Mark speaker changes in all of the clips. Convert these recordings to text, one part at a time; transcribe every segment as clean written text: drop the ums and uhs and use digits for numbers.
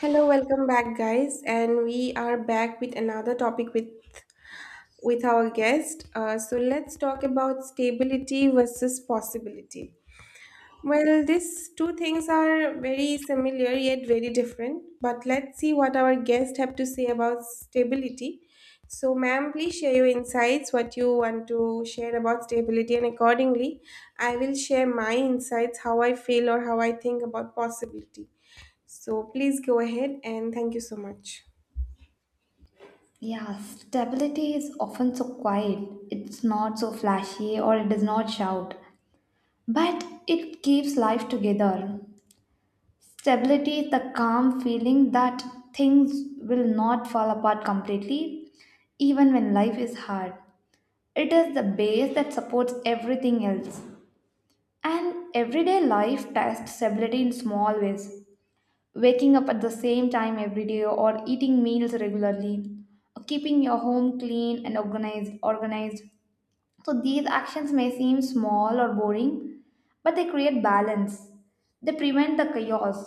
Speaker 1: Hello, welcome back, guys, and we are back with another topic with our guest. So let's talk about stability versus possibility. Well, these two things are very similar yet very different. But let's see what our guest have to say about stability. So, ma'am, please share your insights, what you want to share about stability, and accordingly, I will share my insights, how I feel or how I think about possibility. So please go ahead and thank you so much.
Speaker 2: Yeah, stability is often so quiet. It's not so flashy or it does not shout, but it keeps life together. Stability is the calm feeling that things will not fall apart completely, even when life is hard. It is the base that supports everything else. And everyday life tests stability in small ways. Waking up at the same time every day or eating meals regularly, keeping your home clean and organized. So these actions may seem small or boring, but they create balance, they prevent the chaos.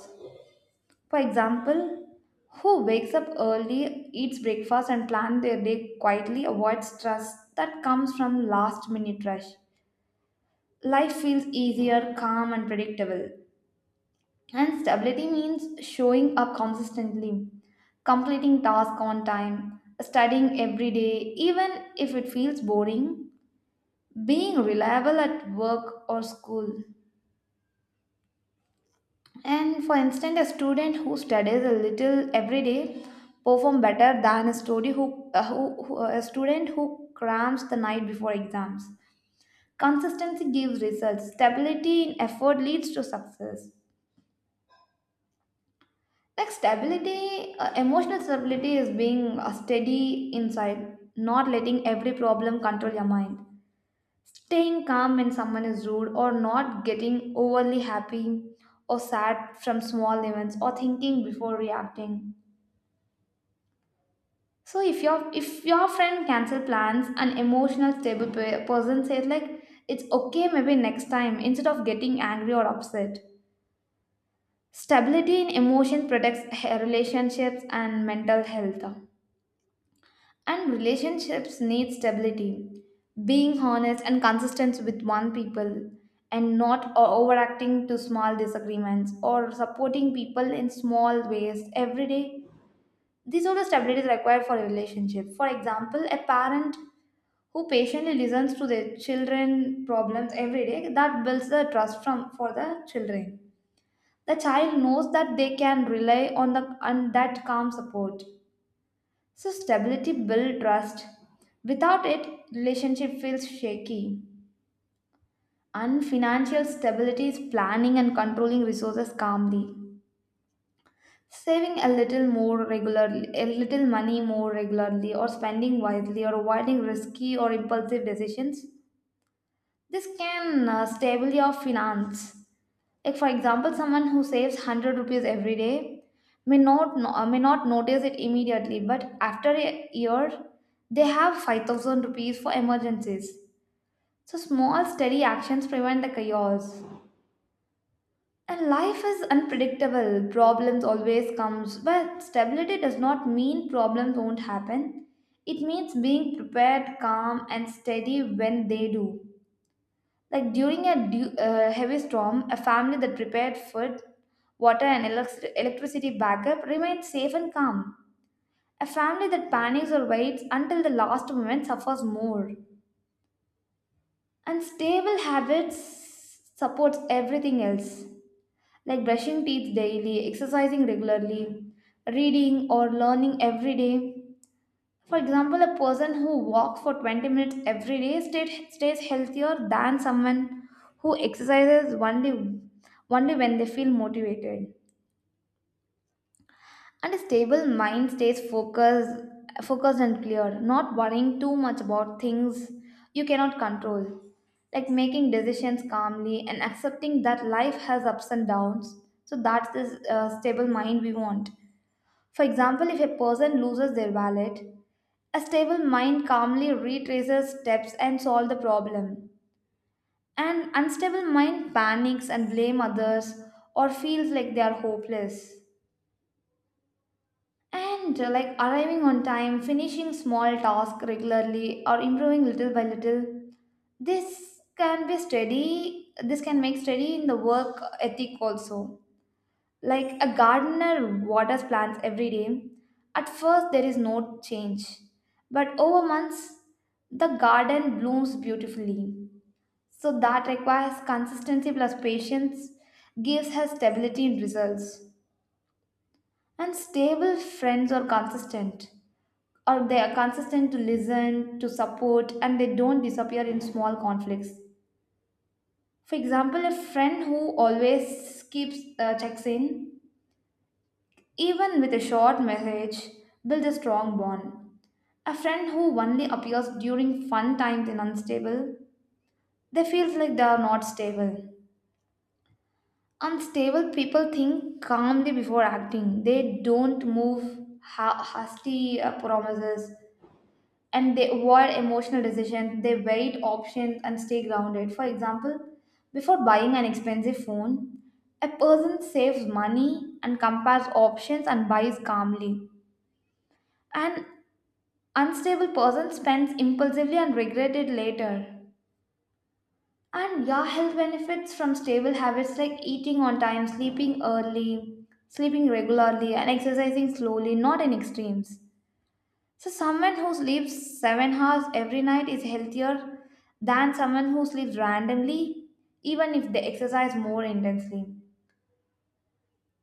Speaker 2: For example, who wakes up early, eats breakfast and plans their day quietly avoids stress that comes from last minute rush. Life feels easier, calm and predictable. And stability means showing up consistently, completing tasks on time, studying every day, even if it feels boring, being reliable at work or school. And for instance, a student who studies a little every day perform better than a student who a student who crams the night before exams. Consistency gives results. Stability in effort leads to success. Like stability, emotional stability is being steady inside, not letting every problem control your mind. Staying calm when someone is rude, or not getting overly happy or sad from small events, or thinking before reacting. So if your friend cancel plans, an emotional stable person says like it's okay, maybe next time, instead of getting angry or upset. Stability in emotion protects relationships and mental health. And relationships need stability. Being honest and consistent with one people and not overacting to small disagreements, or supporting people in small ways every day. These are the stabilities required for a relationship. For example, a parent who patiently listens to their children problems every day, that builds the trust from for the children. The child knows that they can rely on that calm support. So, stability builds trust. Without it, relationship feels shaky. And financial stability is planning and controlling resources calmly. Saving a little more regularly, a little money more regularly, or spending wisely, or avoiding risky or impulsive decisions. This can stable your finance. Like for example, someone who saves 100 rupees every day may not notice it immediately, but after a year, they have 5,000 rupees for emergencies. So small, steady actions prevent the chaos. And life is unpredictable. Problems always comes, but stability does not mean problems won't happen. It means being prepared, calm, and steady when they do. Like during a heavy storm, a family that prepared food, water, and electricity backup remains safe and calm. A family that panics or waits until the last moment suffers more. And stable habits supports everything else, like brushing teeth daily, exercising regularly, reading or learning every day. For example, a person who walks for 20 minutes every day stays healthier than someone who exercises only when they feel motivated. And a stable mind stays focused and clear, not worrying too much about things you cannot control. Like making decisions calmly and accepting that life has ups and downs. So that's the stable mind we want. For example, if a person loses their wallet, a stable mind calmly retraces steps and solves the problem. An unstable mind panics and blame others or feels like they are hopeless. And like arriving on time, finishing small tasks regularly or improving little by little, this can be steady, this can make steady in the work ethic also. Like a gardener waters plants every day. At first, there is no change, but over months, the garden blooms beautifully. So, that requires consistency plus patience, gives her stability in results. And stable friends are consistent, or they are consistent to listen, to support, and they don't disappear in small conflicts. For example, a friend who always keeps checks in even with a short message, build a strong bond. A friend who only appears during fun times and unstable, they feels like they are not stable. Unstable people think calmly before acting. They don't move hasty promises and they avoid emotional decisions. They wait options and stay grounded. For example, before buying an expensive phone, a person saves money and compares options and buys calmly. And unstable person spends impulsively and regret it later. And yeah, health benefits from stable habits like eating on time, sleeping early, sleeping regularly, and exercising slowly, not in extremes. So, someone who sleeps 7 hours every night is healthier than someone who sleeps randomly, even if they exercise more intensely.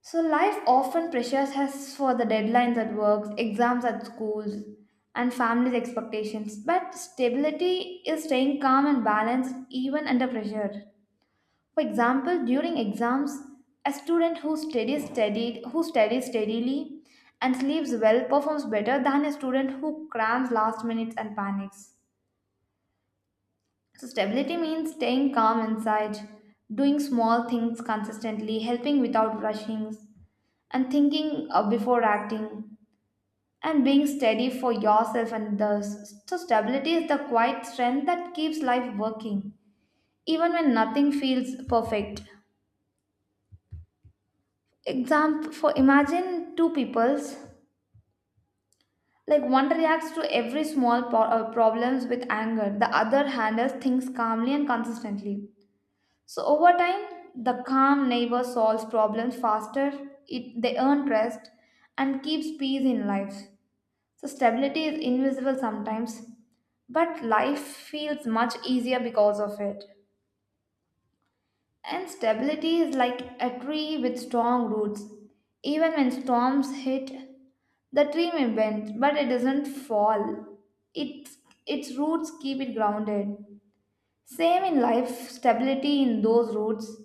Speaker 2: So, life often pressures us for the deadlines at work, exams at schools, and family's expectations. But stability is staying calm and balanced even under pressure. For example, during exams, a student who studies steadily and sleeps well performs better than a student who crams last minutes and panics. So, stability means staying calm inside, doing small things consistently, helping without rushing, and thinking before acting, and being steady for yourself and others. So, stability is the quiet strength that keeps life working, even when nothing feels perfect. Example for imagine two peoples. Like one reacts to every small problems with anger, the other handles things calmly and consistently. So over time, the calm neighbor solves problems faster, they earn trust, and keeps peace in life. So stability is invisible sometimes, but life feels much easier because of it. And stability is like a tree with strong roots. Even when storms hit, the tree may bend, but it doesn't fall. Its, its roots keep it grounded. Same in life, stability in those roots,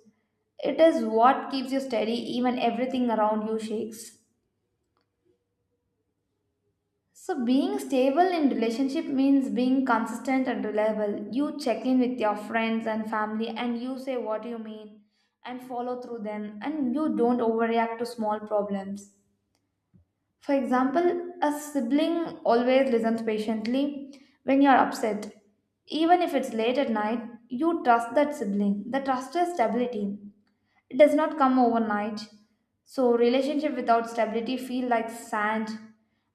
Speaker 2: it is what keeps you steady even everything around you shakes. So being stable in relationship means being consistent and reliable. You check in with your friends and family and you say what you mean and follow through them and you don't overreact to small problems. For example, a sibling always listens patiently when you're upset. Even if it's late at night, you trust that sibling. The trust is stability. It does not come overnight. So relationship without stability feel like sand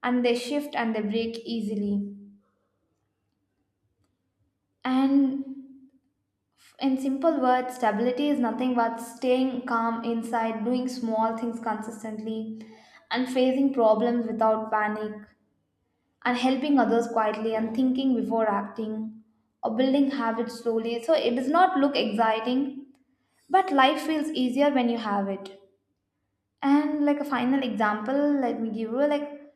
Speaker 2: and they shift and they break easily. And in simple words, stability is nothing but staying calm inside, doing small things consistently, and facing problems without panic, and helping others quietly, and thinking before acting, or building habits slowly. So it does not look exciting, but life feels easier when you have it. And like a final example, let me give you, like,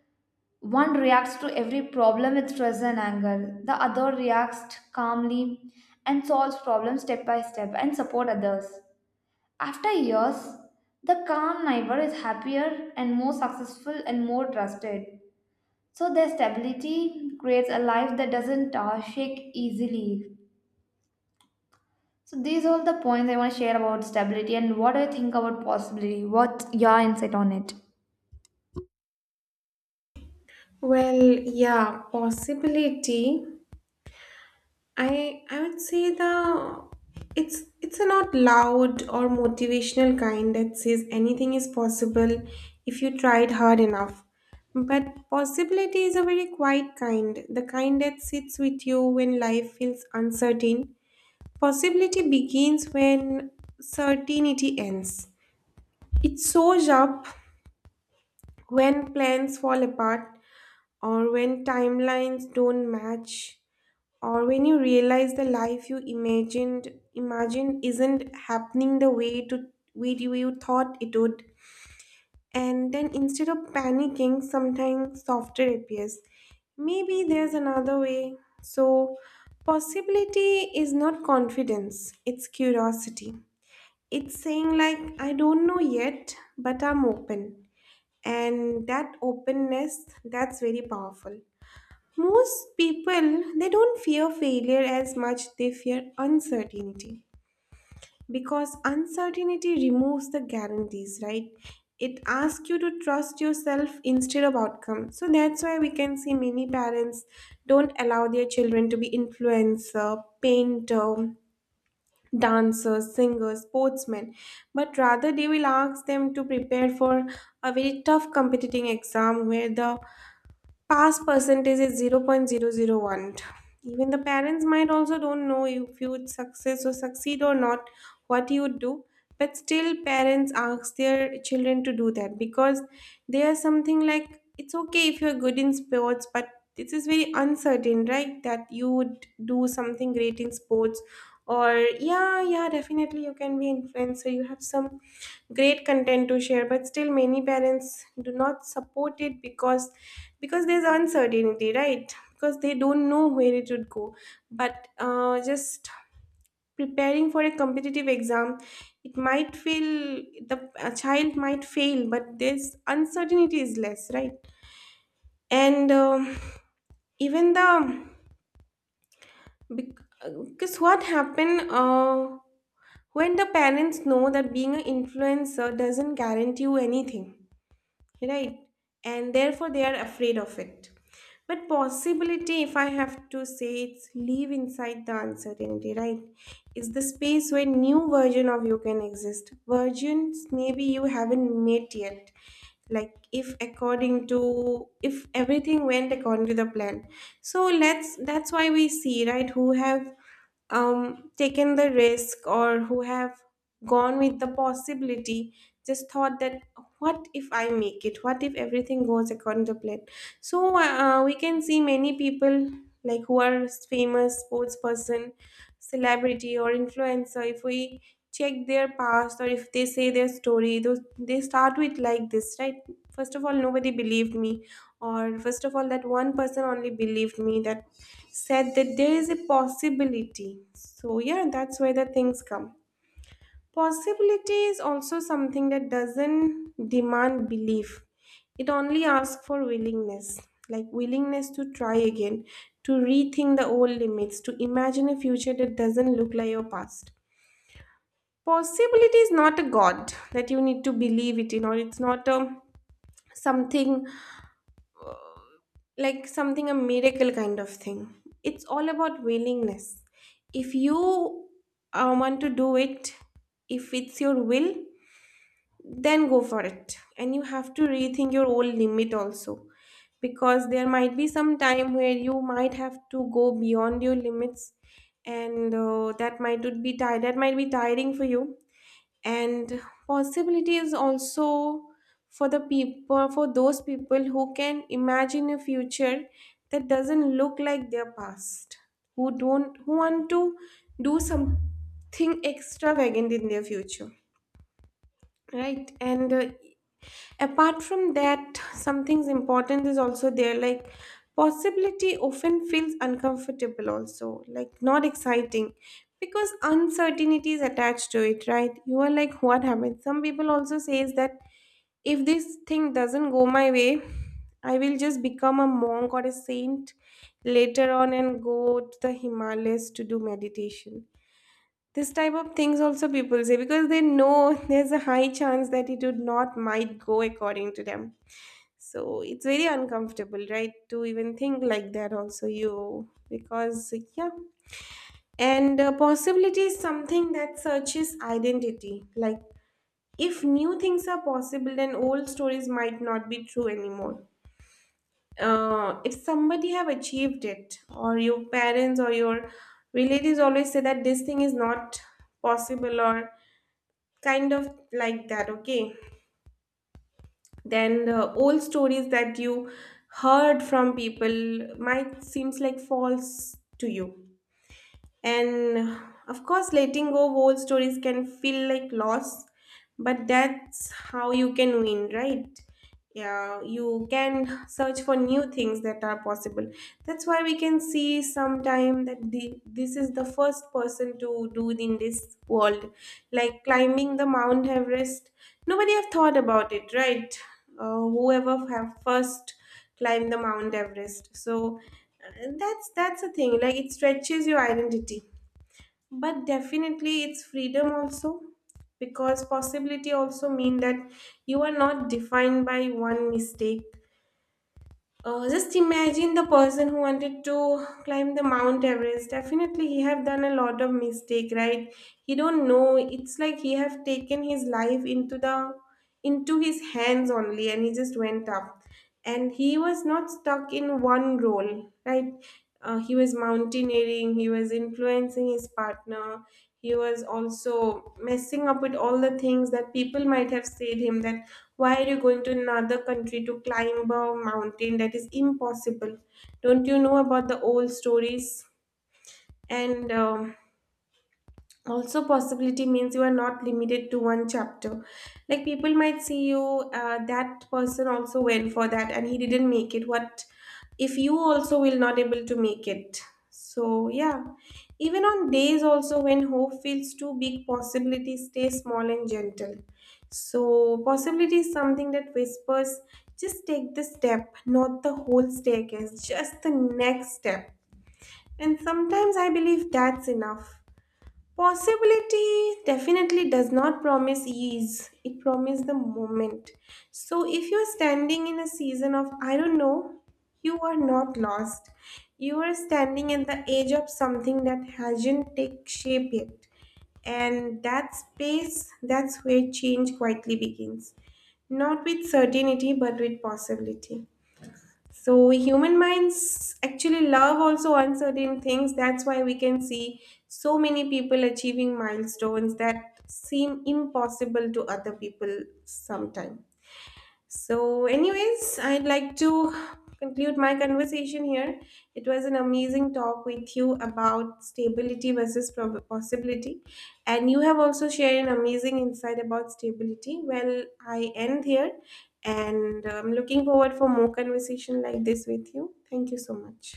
Speaker 2: one reacts to every problem with stress and anger. The other reacts calmly and solves problems step by step and support others. After years, the calm neighbor is happier and more successful and more trusted. So their stability creates a life that doesn't shake easily. So these are all the points I want to share about stability, and what do you think about possibility? What's your insight on it?
Speaker 1: Well, yeah, possibility. I would say the it's a not loud or motivational kind that says anything is possible if you tried hard enough. But possibility is a very quiet kind, the kind that sits with you when life feels uncertain. Possibility begins when certainty ends. It shows up when plans fall apart or when timelines don't match or when you realize the life you imagined isn't happening the way you thought it would, and then instead of panicking sometimes softer appears, maybe there's another way. So possibility is not confidence, it's curiosity. It's saying like, I don't know yet, but I'm open, and that openness, that's very powerful. Most people they don't fear failure as much, they fear uncertainty, because uncertainty removes the guarantees, right? It asks you to trust yourself instead of outcome. So that's why we can see many parents don't allow their children to be influencer, painter, dancers, singers, sportsmen, but rather they will ask them to prepare for a very tough competing exam where the pass percentage is 0.00 0.001. Even the parents might also don't know if you would success or succeed or not, what you would do. But still parents ask their children to do that because they are something like, it's okay if you're good in sports, but this is very uncertain, right? That you would do something great in sports, or yeah, yeah, definitely you can be influencer. You have some great content to share, but still many parents do not support it because there's uncertainty, right, because they don't know where it would go. But just preparing for a competitive exam, it might feel the a child might fail, but there's uncertainty is less, right? And even the bec- because what happened, when the parents know that being an influencer doesn't guarantee you anything, right, and therefore they are afraid of it. But possibility, if I have to say, it's live inside the uncertainty, right? It's the space where new version of you can exist, versions maybe you haven't met yet, like if according to, if everything went according to the plan. So let's that's why we see, right, who have taken the risk or who have gone with the possibility, just thought that what if I make it, what if everything goes according to plan. So we can see many people, like who are famous sports person, celebrity or influencer, if we check their past or if they say their story, those they start with like this, right? First of all, nobody believed me, or first of all, that one person only believed me, that said that there is a possibility. So yeah, that's where the things come. Possibility is also something that doesn't demand belief. It only asks for willingness, like willingness to try again, to rethink the old limits, to imagine a future that doesn't look like your past. Possibility is not a god that you need to believe it in, or it's not a something, like something a miracle kind of thing. It's all about willingness. If you want to do it, if it's your will, then go for it, and you have to rethink your old limit also, because there might be some time where you might have to go beyond your limits, and that might be tiring for you. And possibilities also for the people, for those people who can imagine a future that doesn't look like their past, who don't who want to do something extravagant in their future, right? And apart from that, something's important is also there, like possibility often feels uncomfortable also, like not exciting, because uncertainty is attached to it, right? You are like what happened. Some people also says that if this thing doesn't go my way, I will just become a monk or a saint later on and go to the Himalayas to do meditation. This type of things also people say, because they know there's a high chance that it would not might go according to them. So it's very uncomfortable, right, to even think like that, also, you, because, yeah. And possibility is something that searches identity. Like, if new things are possible, then old stories might not be true anymore. If somebody have achieved it, or your parents or your relatives always say that this thing is not possible, or kind of like that, okay? Then the old stories that you heard from people might seems like false to you. And of course, letting go of old stories can feel like loss, but that's how you can win, right? Yeah, you can search for new things that are possible. That's why we can see sometime that this is the first person to do in this world, like climbing the Mount Everest. Nobody have thought about it, right? Whoever have first climbed the Mount Everest. So that's a thing. Like it stretches your identity, but definitely it's freedom also, because possibility also mean that you are not defined by one mistake. Just imagine the person who wanted to climb the Mount Everest. Definitely, he have done a lot of mistake, right? He don't know. It's like he have taken his life into his hands only, and he just went up. And he was not stuck in one role, right? He was mountaineering. He was influencing his partner. He was also messing up with all the things that people might have said him that why are you going to another country to climb a mountain that is impossible? Don't you know about the old stories? And also possibility means you are not limited to one chapter, like people might see you, that person also went for that and he didn't make it, what if you also will not able to make it. So yeah, even on days also when hope feels too big, possibility stay small and gentle. So possibility is something that whispers, just take the step, not the whole staircase, just the next step, and sometimes I believe that's enough. Possibility definitely does not promise ease, it promises the moment. So, if you're standing in a season of I don't know, you are not lost. You are standing at the edge of something that hasn't take shape yet. And that space, that's where change quietly begins. Not with certainty, but with possibility. So human minds actually love also uncertain things. That's why we can see so many people achieving milestones that seem impossible to other people sometime. So, anyways, I'd like to conclude my conversation here. It was an amazing talk with you about stability versus possibility, and you have also shared an amazing insight about stability. Well, I end here, and I'm looking forward for more conversation like this with you. Thank you so much.